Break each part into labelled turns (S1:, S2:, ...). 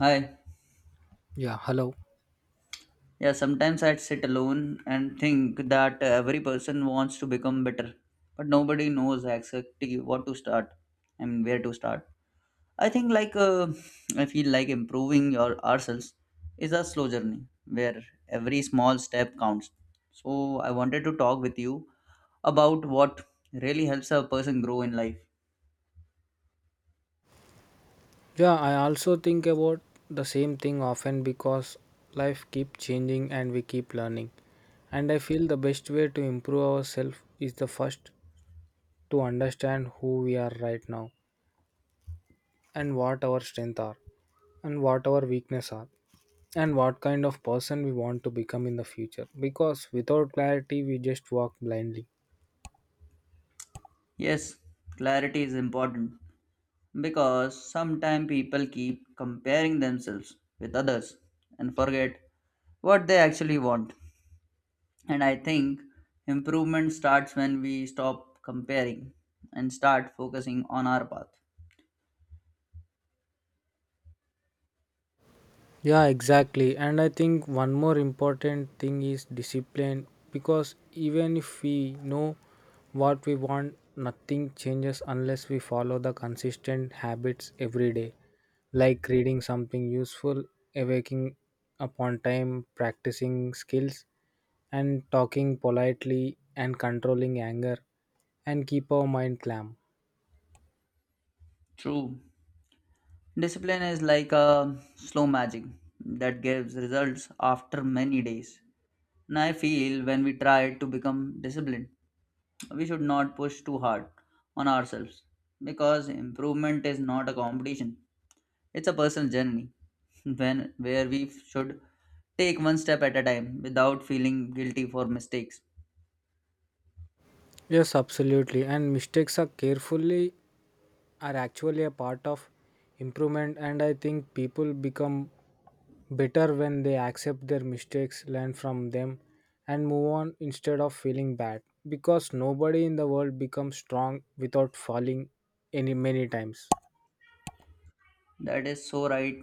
S1: Hi.
S2: Yeah, hello.
S1: Yeah, sometimes I'd sit alone and think that every person wants to become better, but nobody knows exactly what to start and where to start. I think I feel like improving your ourselves is a slow journey where every small step counts. So I wanted to talk with you about what really helps a person grow in life.
S2: Yeah, I also think about the same thing often because life keeps changing and we keep learning. And I feel the best way to improve ourselves is the first to understand who we are right now and what our strengths are and what our weaknesses are and what kind of person we want to become in the future because without clarity we just walk blindly.
S1: Yes, clarity is important because sometimes people keep comparing themselves with others and forget what they actually want. And I think improvement starts when we stop comparing and start focusing on our path.
S2: Yeah, exactly. And I think one more important thing is discipline because even if we know what we want, nothing changes unless we follow the consistent habits every day, like reading something useful, awaking upon time, practicing skills, and talking politely and controlling anger and keep our mind calm.
S1: True. Discipline is like a slow magic that gives results after many days. And I feel when we try to become disciplined, we should not push too hard on ourselves because improvement is not a competition. It's a personal journey when where we should take one step at a time without feeling guilty for mistakes.
S2: Yes, absolutely. And mistakes are carefully are actually a part of improvement, and I think people become better when they accept their mistakes, learn from them and move on instead of feeling bad because nobody in the world becomes strong without falling any many times.
S1: That is so right.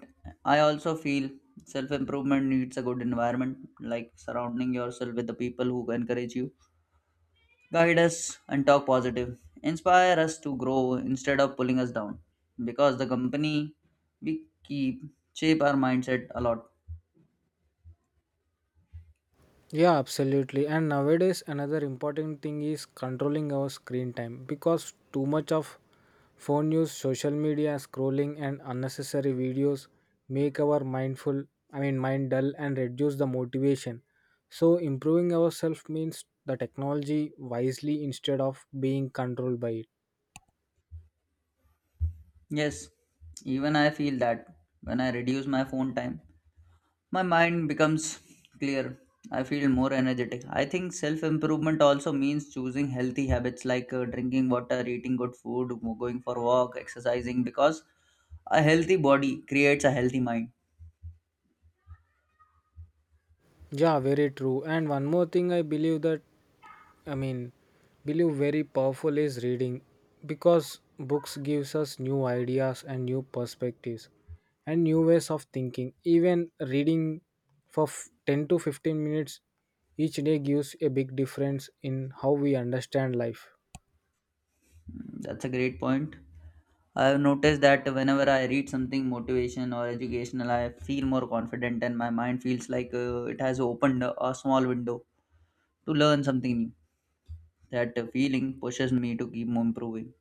S1: I also feel self improvement needs a good environment, like surrounding yourself with the people who encourage you, guide us, and talk positive. Inspire us to grow instead of pulling us down. Because the company we keep shape our mindset a lot.
S2: Yeah, absolutely. And nowadays, another important thing is controlling our screen time because too much of phone use, social media, scrolling, and unnecessary videos make our mindful, mind dull and reduce the motivation. So, improving ourselves means the technology wisely instead of being controlled by it.
S1: Yes, even I feel that when I reduce my phone time, my mind becomes clear. I feel more energetic. I think self improvement also means choosing healthy habits like drinking water, eating good food, going for walk, exercising because a healthy body creates a healthy mind.
S2: Yeah, very true. And one more thing I believe that I mean, believe very powerful is reading because books gives us new ideas and new perspectives and new ways of thinking. Even reading for 10 to 15 minutes each day gives a big difference in how we understand life.
S1: Mm, that's a great point. I have noticed that whenever I read something motivation or educational, I feel more confident and my mind feels like it has opened a small window to learn something new. That feeling pushes me to keep on improving.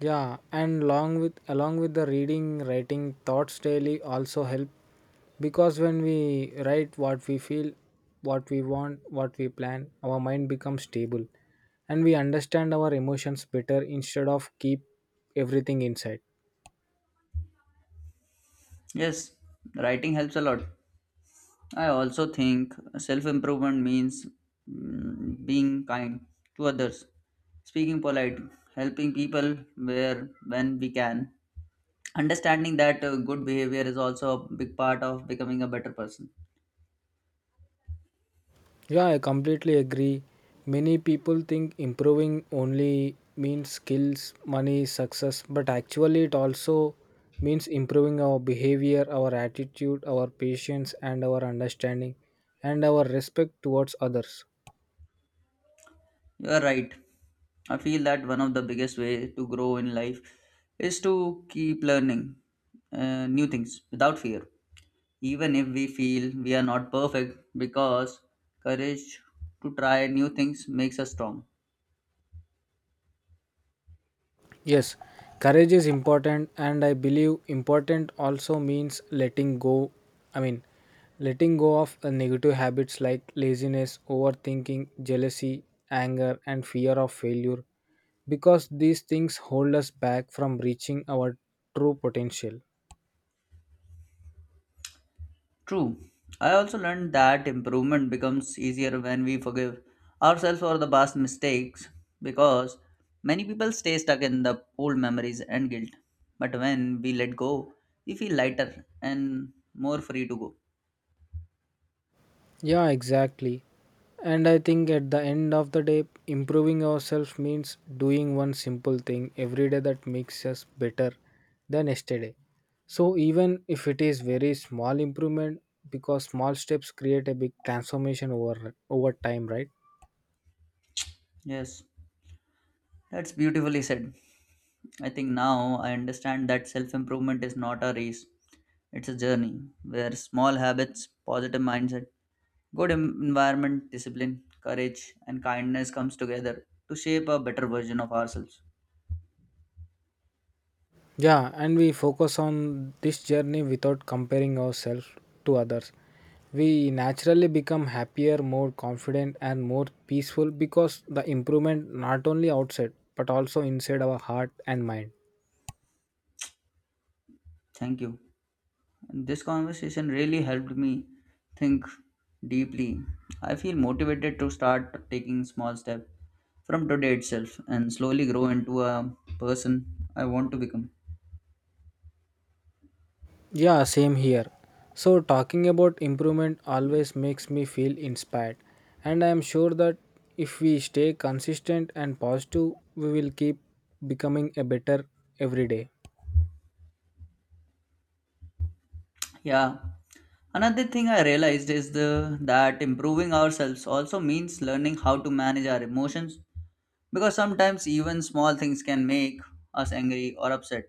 S2: Yeah, and along with the reading, writing thoughts daily also help because when we write what we feel, what we want, what we plan, our mind becomes stable and we understand our emotions better instead of keep everything inside.
S1: Yes, writing helps a lot. I also think self improvement means being kind to others, speaking polite, helping people where when we can, understanding that good behavior is also a big part of becoming a better person.
S2: Yeah, I completely agree. Many people think improving only means skills, money, success, but actually, it also means improving our behavior, our attitude, our patience, and our understanding, and our respect towards others.
S1: You are right. I feel that one of the biggest way to grow in life is to keep learning new things without fear, even if we feel we are not perfect, because courage to try new things makes us strong.
S2: Yes, courage is important, and I believe important also means letting go. I mean, Letting go of negative habits like laziness, overthinking, jealousy, anger, and fear of failure because these things hold us back from reaching our true potential.
S1: True. I also learned that improvement becomes easier when we forgive ourselves for the past mistakes because many people stay stuck in the old memories and guilt. But when we let go, we feel lighter and more free to go.
S2: Yeah, exactly. And I think at the end of the day, improving ourselves means doing one simple thing every day that makes us better than yesterday. So, even if it is very small improvement, because small steps create a big transformation over time, right?
S1: Yes, that's beautifully said. I think now I understand that self improvement is not a race, it's a journey where small habits, positive mindset, good environment, discipline, courage, and kindness comes together to shape a better version of ourselves.
S2: Yeah, and we focus on this journey without comparing ourselves to others. We naturally become happier, more confident, and more peaceful because the improvement not only outside but also inside our heart and mind.
S1: Thank you. And this conversation really helped me think deeply. I feel motivated to start taking small steps from today itself and slowly grow into a person I want to become.
S2: Yeah, same here. So, talking about improvement always makes me feel inspired, and I am sure that if we stay consistent and positive, we will keep becoming a better every day.
S1: Yeah. Another thing I realized is the that improving ourselves also means learning how to manage our emotions. Because sometimes even small things can make us angry or upset.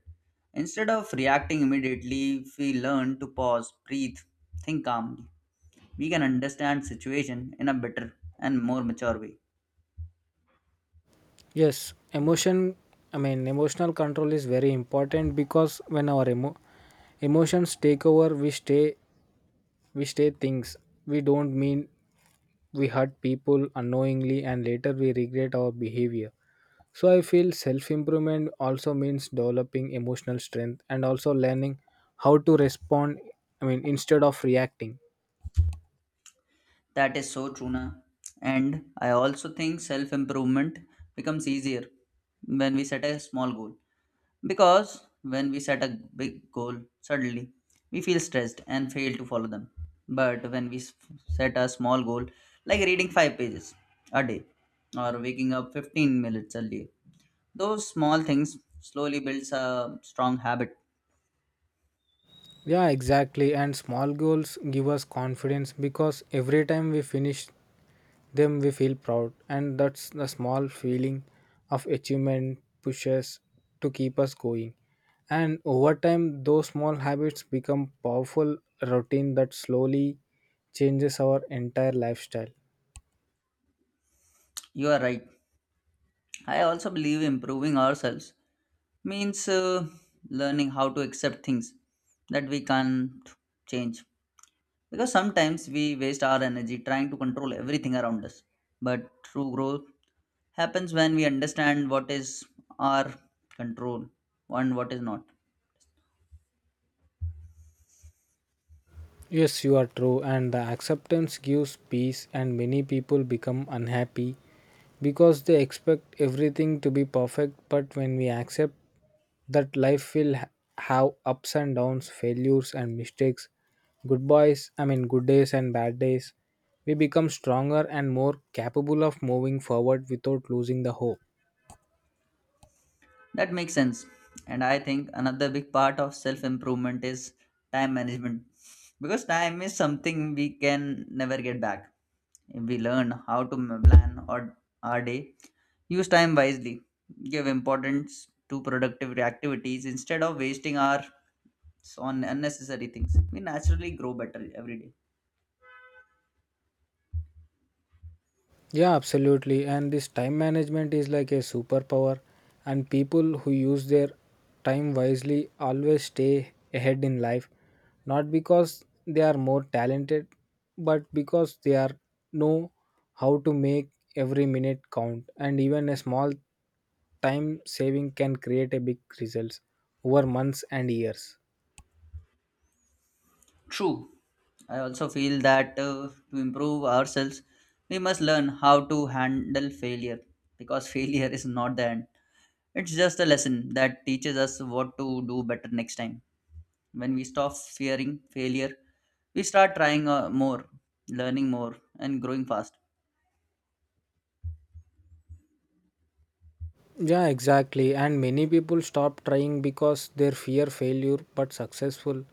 S1: Instead of reacting immediately, if we learn to pause, breathe, think calmly, we can understand situation in a better and more mature way.
S2: Yes, emotion, emotional control is very important because when our emotions take over, we stay things we don't mean. We hurt people unknowingly and later we regret our behavior. So I feel self improvement also means developing emotional strength and also learning how to respond, instead of reacting.
S1: That is so true, na. And I also think self improvement becomes easier when we set a small goal. Because when we set a big goal, suddenly we feel stressed and fail to follow them. But when set a small goal, like reading 5 pages a day or waking up 15 minutes early, those small things slowly builds a strong habit.
S2: Yeah, exactly. And small goals give us confidence because every time we finish them, we feel proud. And that's the small feeling of achievement pushes to keep us going. And over time, those small habits become powerful routine that slowly changes our entire lifestyle.
S1: You are right. I also believe improving ourselves means learning how to accept things that we can't change. Because sometimes we waste our energy trying to control everything around us. But true growth happens when we understand what is our control and what is not.
S2: Yes, you are true, and the acceptance gives peace, and many people become unhappy because they expect everything to be perfect. But when we accept that have ups and downs, failures and mistakes, good boys, good days and bad days, we become stronger and more capable of moving forward without losing the hope.
S1: That makes sense. And I think another big part of self improvement is time management. Because time is something we can never get back. If we learn how to plan our day, use time wisely, give importance to productive activities instead of wasting our. So on unnecessary things, we naturally grow better every day.
S2: Yeah, absolutely. And this time management is like a superpower, and people who use their time wisely always stay ahead in life, not because they are more talented, but because they are know how to make every minute count. And even a small time saving can create a big results over months and years.
S1: True. I also feel that to improve ourselves, we must learn how to handle failure because failure is not the end. It's just a lesson that teaches us what to do better next time. When we stop fearing failure, we start trying more, learning more, and growing fast.
S2: Yeah, exactly. And many people stop trying because they fear failure but successful.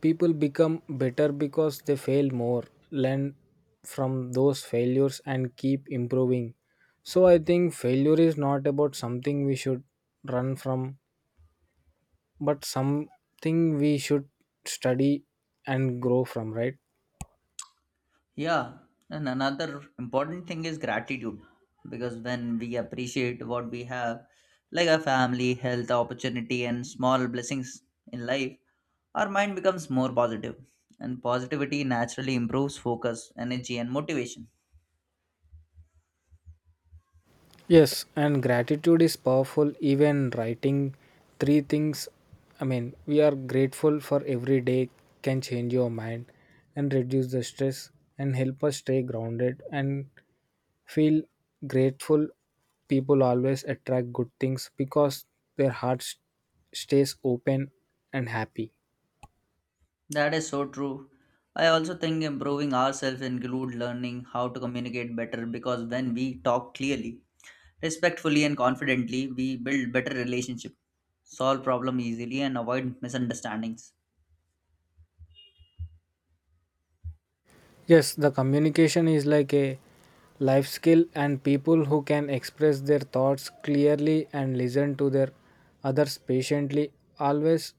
S2: People become better because they fail more, learn from those failures and keep improving. So I think failure is not about something we should run from, but something we should study and grow from, right?
S1: Yeah, and another important thing is gratitude because when we appreciate what we have, like our family, health, opportunity, and small blessings in life, our mind becomes more positive, and positivity naturally improves focus, energy, and motivation.
S2: Yes, and gratitude is powerful. Even writing three things, we are grateful for every day can change your mind and reduce the stress and help us stay grounded and feel grateful. People always attract good things because their hearts stays open and happy.
S1: That is so true. I also think improving ourselves include learning how to communicate better because when we talk clearly, respectfully and confidently, we build better relationship, solve problem easily, and avoid misunderstandings.
S2: Yes, the communication is like a life skill, and people who can express their thoughts clearly and listen to their others patiently always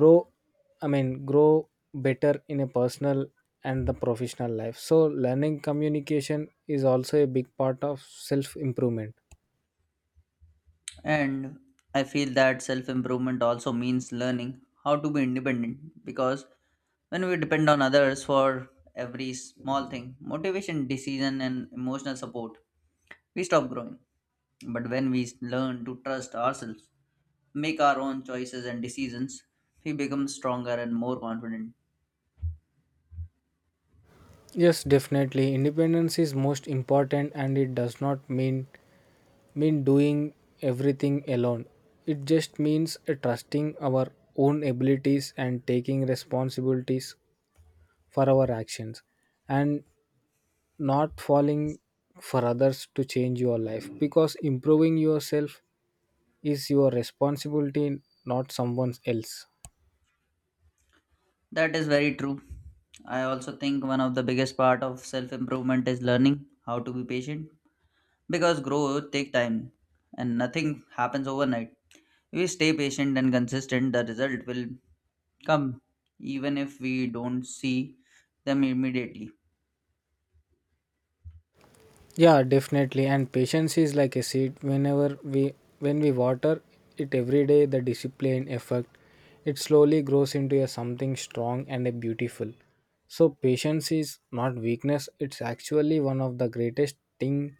S2: grow. Grow better in a personal and the professional life. So, learning communication is also a big part of self improvement.
S1: And I feel that self improvement also means learning how to be independent because when we depend on others for every small thing, motivation, decision, and emotional support, we stop growing. But when we learn to trust ourselves, make our own choices and decisions, we become stronger and more confident.
S2: Yes, definitely. Independence is most important, and it does not mean doing everything alone. It just means trusting our own abilities and taking responsibilities for our actions and not falling for others to change your life because improving yourself is your responsibility, not someone else.
S1: That is very true. I also think one of the biggest part of self improvement is learning how to be patient because growth take time and nothing happens overnight. If we stay patient and consistent, the result will come even if we don't see them immediately.
S2: Yeah, definitely. And patience is like a seed. When we water it every day, the discipline effect, it slowly grows into a something strong and a beautiful. So patience is not weakness, it's actually one of the greatest thing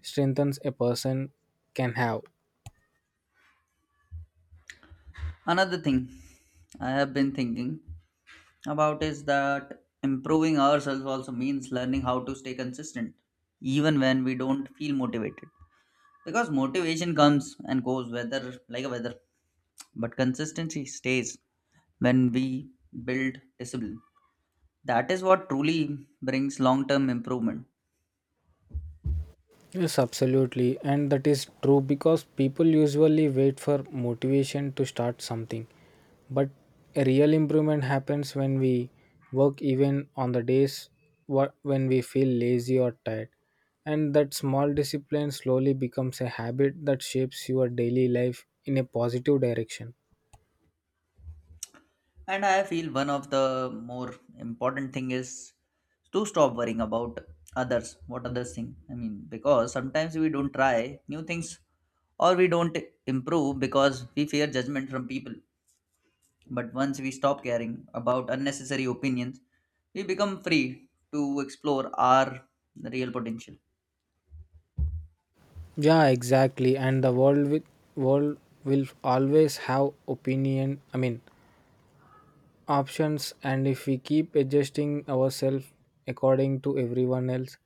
S2: strengthens a person can have.
S1: Another thing I have been thinking about is that improving ourselves also means learning how to stay consistent even when we don't feel motivated because motivation comes and goes whether like a weather but consistency stays. When we build discipline, that is what truly brings long term improvement.
S2: Yes, absolutely. And that is true because people usually wait for motivation to start something. But a real improvement happens when we work even on the days when we feel lazy or tired. And that small discipline slowly becomes a habit that shapes your daily life in a positive direction.
S1: And I feel one of the more important thing is to stop worrying about others, what others think, because sometimes we don't try new things or we don't improve because we fear judgment from people. But once we stop caring about unnecessary opinions, we become free to explore our real potential.
S2: Yeah, exactly. And the world with world will always have opinion. Options, and if we keep adjusting ourselves according to everyone else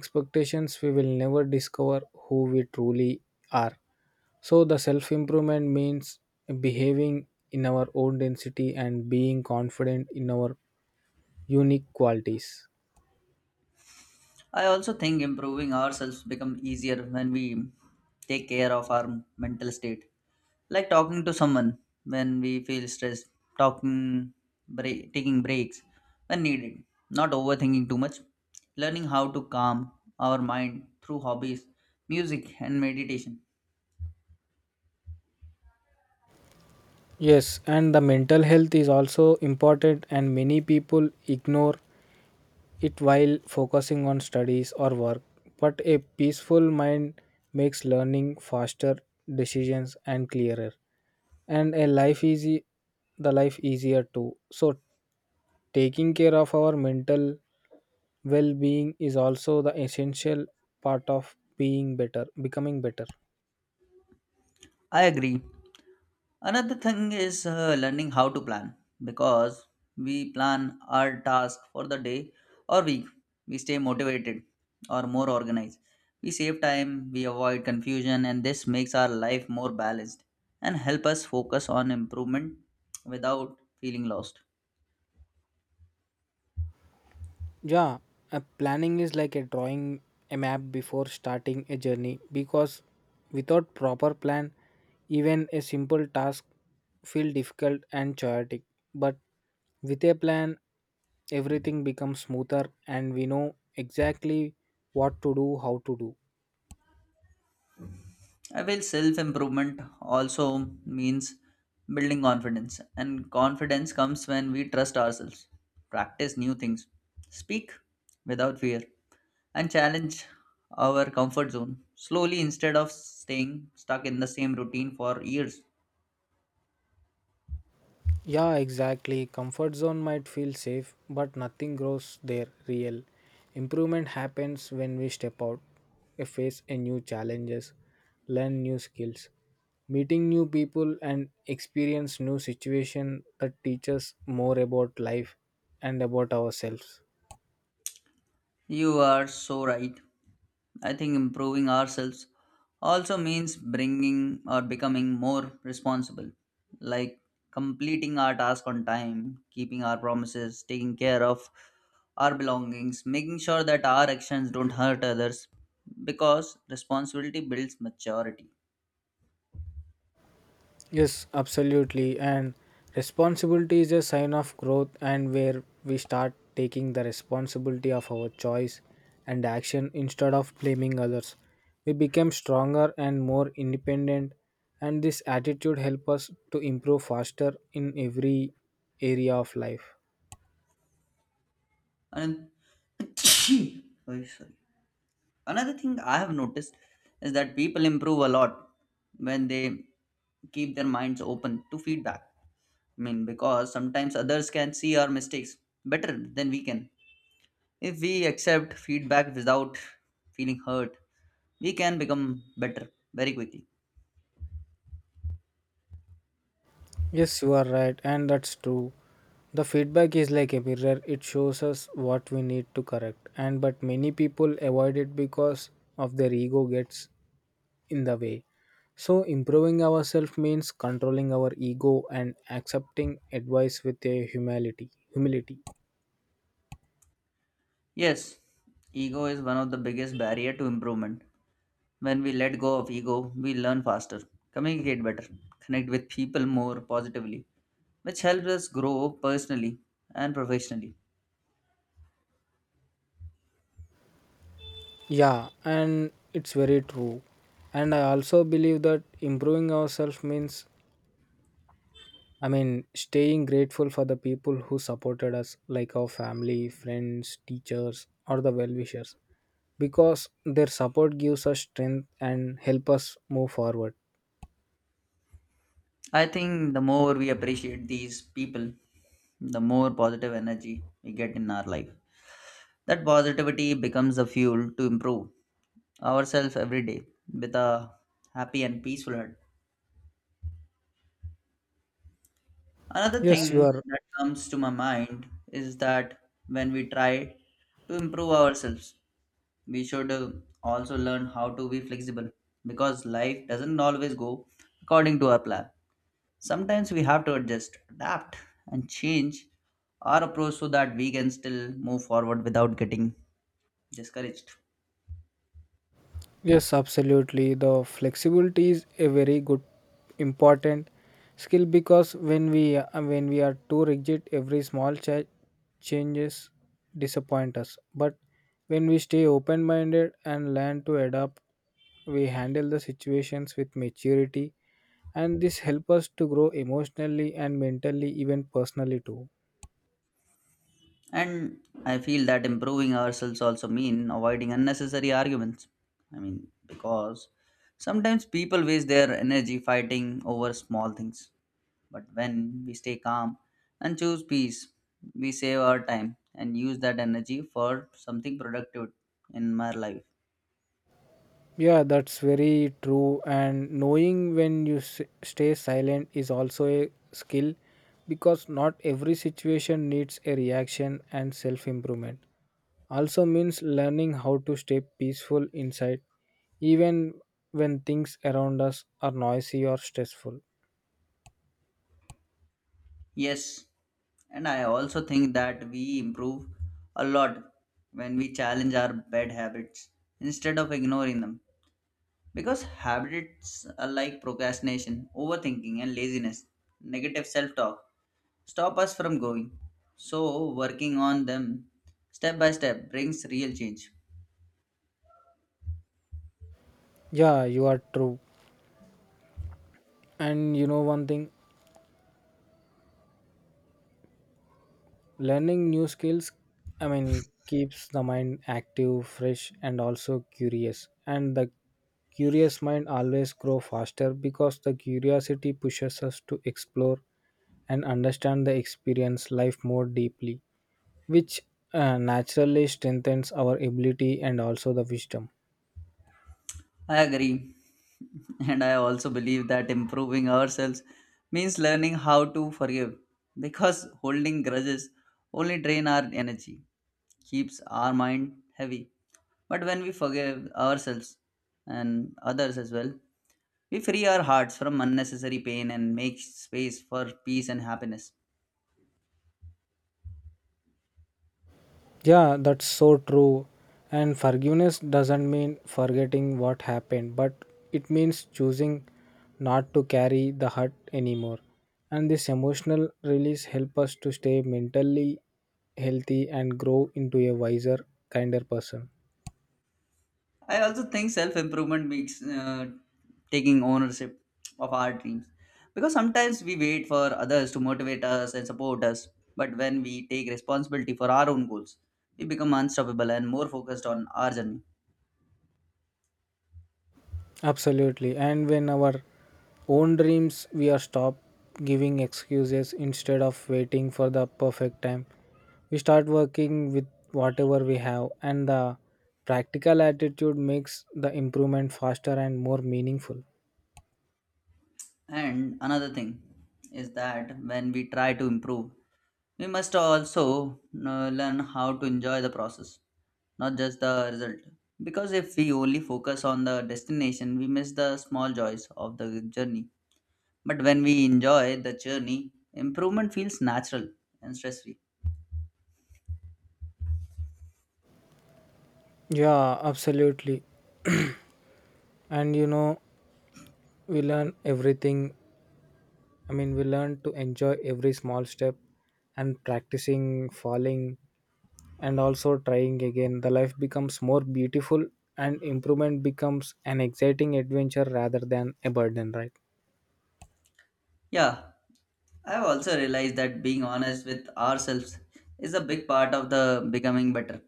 S2: expectations, we will never discover who we truly are. So the self improvement means behaving in our own density and being confident in our unique qualities.
S1: I also think improving ourselves become easier when we take care of our mental state. Like talking to someone when we feel stressed, talking break, taking breaks when needed, not overthinking too much, learning how to calm our mind through hobbies, music and meditation.
S2: Yes, and the mental health is also important, and many people ignore it while focusing on studies or work, but a peaceful mind makes learning faster, decisions and clearer, and a life easy the life easier too. So taking care of our mental well-being is also the essential part of becoming better.
S1: I agree. Another thing is learning how to plan because we plan our task for the day or week. We stay motivated or more organized. We save time, we avoid confusion, and this makes our life more balanced and help us focus on improvement without feeling lost.
S2: Yeah, planning is like a drawing a map before starting a journey because without proper plan, even a simple task feel difficult and chaotic. But with a plan, everything becomes smoother and we know exactly what to do, how to do.
S1: I feel self improvement also means building confidence, and confidence comes when we trust ourselves, practice new things, speak without fear, and challenge our comfort zone slowly instead of staying stuck in the same routine for years.
S2: Yeah, exactly. Comfort zone might feel safe, but nothing grows there real. Improvement happens when we step out, face a new challenges, learn new skills, meeting new people and experience new situation that teach us more about life and about ourselves.
S1: You are so right. I think improving ourselves also means bringing or becoming more responsible, like completing our task on time, keeping our promises, taking care of our belongings, making sure that our actions don't hurt others because responsibility builds maturity.
S2: Yes, absolutely. And responsibility is a sign of growth, and where we start taking the responsibility of our choice and action instead of blaming others. We become stronger and more independent, and this attitude helps us to improve faster in every area of life.
S1: And Sorry. Another thing I have noticed is that people improve a lot when they keep their minds open to feedback, because sometimes others can see our mistakes better than we can. If we accept feedback without feeling hurt, we can become better very quickly.
S2: Yes, you are right, and that's true. The feedback is like a mirror, it shows us what we need to correct. And but many people avoid it because of their ego gets in the way. So, improving ourselves means controlling our ego and accepting advice with a humility. Humility.
S1: Yes, ego is one of the biggest barrier to improvement. When we let go of ego, we learn faster, communicate better, connect with people more positively, which helps us grow personally and professionally.
S2: Yeah, and it's very true. And I also believe that improving ourselves means, staying grateful for the people who supported us, like our family, friends, teachers, or the well wishers, because their support gives us strength and help us move forward.
S1: I think the more we appreciate these people, the more positive energy we get in our life. That positivity becomes the fuel to improve ourselves every day with a happy and peaceful heart. Another
S2: Yes, you
S1: thing
S2: are.
S1: that comes to my mind is that when we try to improve ourselves, we should also learn how to be flexible because life doesn't always go according to our plan. Sometimes we have to adjust, adapt, and change our approach so that we can still move forward without getting discouraged.
S2: Yes, absolutely. The flexibility is a very good important skill because when we are too rigid, every small changes disappoint us. But when we stay open-minded and learn to adapt, we handle the situations with maturity and this helps us to grow emotionally and mentally even personally too.
S1: And I feel that improving ourselves also mean avoiding unnecessary arguments. Because sometimes people waste their energy fighting over small things. But when we stay calm and choose peace, we save our time and use that energy for something productive in my life.
S2: Yeah, that's very true. And knowing when stay silent is also a skill because not every situation needs a reaction and self improvement. Also means learning how to stay peaceful inside, even when things around us are noisy or stressful.
S1: Yes, and I also think that we improve a lot when we challenge our bad habits instead of ignoring them. Because habits are like procrastination, overthinking, and laziness, negative self talk, stop us from growing. So, working on them step by step brings real change.
S2: Yeah, you are true. And you know one thing, learning new skills, keeps the mind active, fresh, and also curious. And the curious mind always grow faster because the curiosity pushes us to explore and understand the experience life more deeply, which naturally strengthens our ability and also the wisdom.
S1: I agree. And I also believe that improving ourselves means learning how to forgive because holding grudges only drain our energy, keeps our mind heavy. But when we forgive ourselves and others as well, we free our hearts from unnecessary pain and make space for peace and happiness.
S2: Yeah, that's so true. And forgiveness doesn't mean forgetting what happened, but it means choosing not to carry the hurt anymore. And this emotional release help us to stay mentally healthy and grow into a wiser, kinder person.
S1: I also think self improvement means taking ownership of our dreams. Because sometimes we wait for others to motivate us and support us, but when we take responsibility for our own goals, we become unstoppable and more focused on our journey.
S2: Absolutely. And when our own dreams, we are stopped giving excuses instead of waiting for the perfect time. We start working with whatever we have, and the practical attitude makes the improvement faster and more meaningful.
S1: And another thing is that when we try to improve, we must also learn how to enjoy the process, not just the result. Because if we only focus on the destination, we miss the small joys of the journey. But when we enjoy the journey, improvement feels natural and stress free.
S2: Yeah, absolutely. And you know, we learn everything. We learn to enjoy every small step and practicing falling and also trying again, the life becomes more beautiful and improvement becomes an exciting adventure rather than a burden, right?
S1: Yeah, I've also realized that being honest with ourselves is a big part of the becoming better.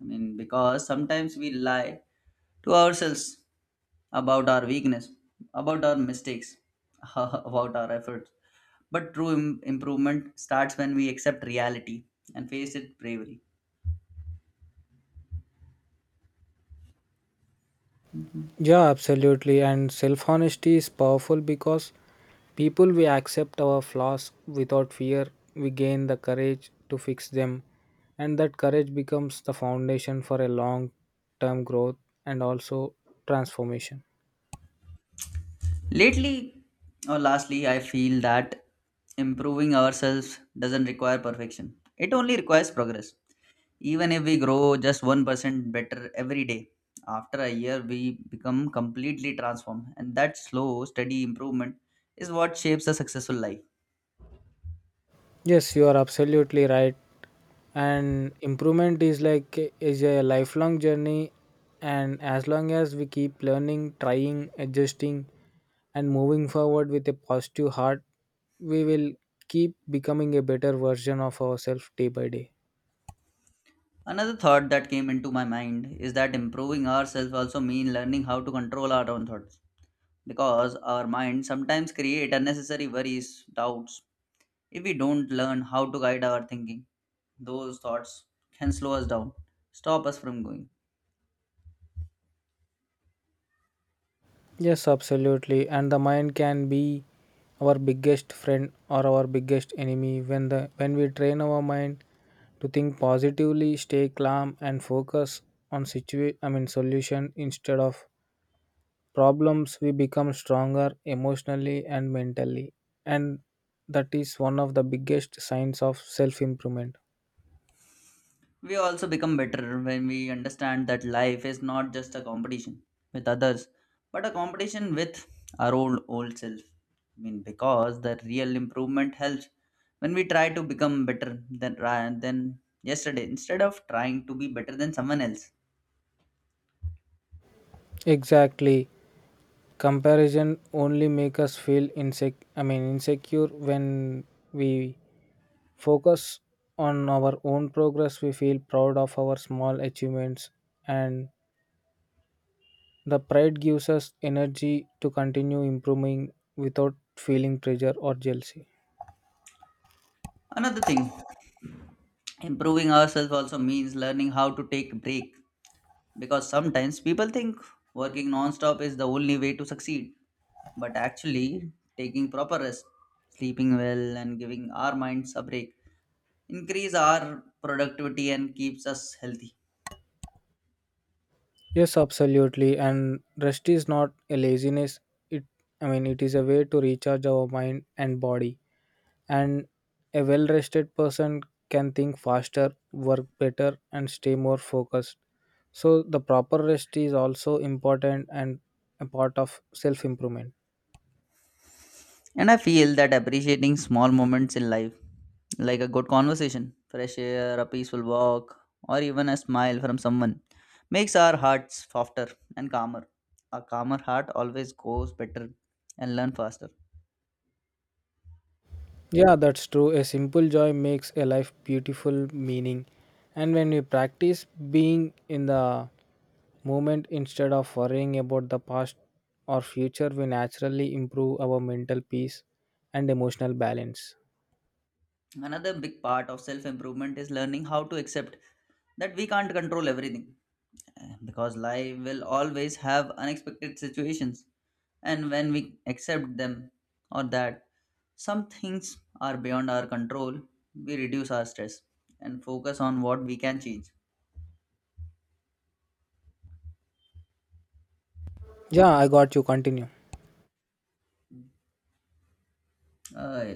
S1: Because sometimes we lie to ourselves about our weakness, about our mistakes, about our efforts. But true improvement starts when we accept reality and face it bravely.
S2: Yeah, absolutely. And self honesty is powerful because people we accept our flaws without fear, we gain the courage to fix them, and that courage becomes the foundation for a long term growth and also transformation.
S1: Lately, or lastly, I feel that improving ourselves doesn't require perfection. It only requires progress. Even if we grow just 1% better every day, after a year we become completely transformed. And that slow, steady improvement is what shapes a successful life.
S2: Yes, you are absolutely right. And improvement is a lifelong journey, and as long as we keep learning, trying, adjusting and moving forward with a positive heart, we will keep becoming a better version of ourselves day by day.
S1: Another thought that came into my mind is that improving ourselves also means learning how to control our own thoughts. Because our mind sometimes create unnecessary worries, doubts. If we don't learn how to guide our thinking, those thoughts can slow us down, stop us from going.
S2: Yes, absolutely. And the mind can be our biggest friend or our biggest enemy. When we train our mind to think positively, stay calm and focus on I mean solution instead of problems, we become stronger emotionally and mentally, and that is one of the biggest signs of self improvement.
S1: We also become better when we understand that life is not just a competition with others, but a competition with our own old self. Because the real improvement helps when we try to become better than yesterday instead of trying to be better than someone else.
S2: Exactly. Comparison only make us feel I mean insecure. When we focus on our own progress, we feel proud of our small achievements, and the pride gives us energy to continue improving without feeling pressure or jealousy.
S1: Another thing, improving ourselves also means learning how to take break because sometimes people think working non-stop is the only way to succeed but actually taking proper rest, sleeping well and giving our minds a break increase our productivity and keeps us healthy.
S2: Yes, absolutely. And rest is not a laziness. It, it is a way to recharge our mind and body. And a well rested person can think faster, work better, and stay more focused. So, the proper rest is also important and a part of self improvement.
S1: And I feel that appreciating small moments in life, like a good conversation, fresh air, a peaceful walk, or even a smile from someone, makes our hearts softer and calmer. A calmer heart always goes better and learn faster.
S2: Yeah, that's true. A simple joy makes a life beautiful, meaning. And when we practice being in the moment instead of worrying about the past or future, we naturally improve our mental peace and emotional balance.
S1: Another big part of self improvement is learning how to accept that we can't control everything because life will always have unexpected situations, and when we accept them or that some things are beyond our control, we reduce our stress and focus on what we can change.
S2: Yeah, I got you. Continue.
S1: uh,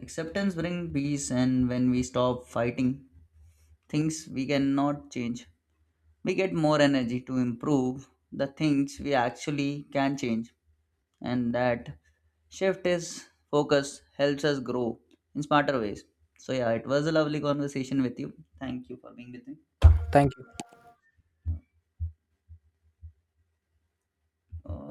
S1: Acceptance brings peace, and when we stop fighting things we cannot change, we get more energy to improve the things we actually can change, and that shift is focus helps us grow in smarter ways. So yeah, it was a lovely conversation with you. Thank you for being with me.
S2: Yeah, thank you.
S1: uh,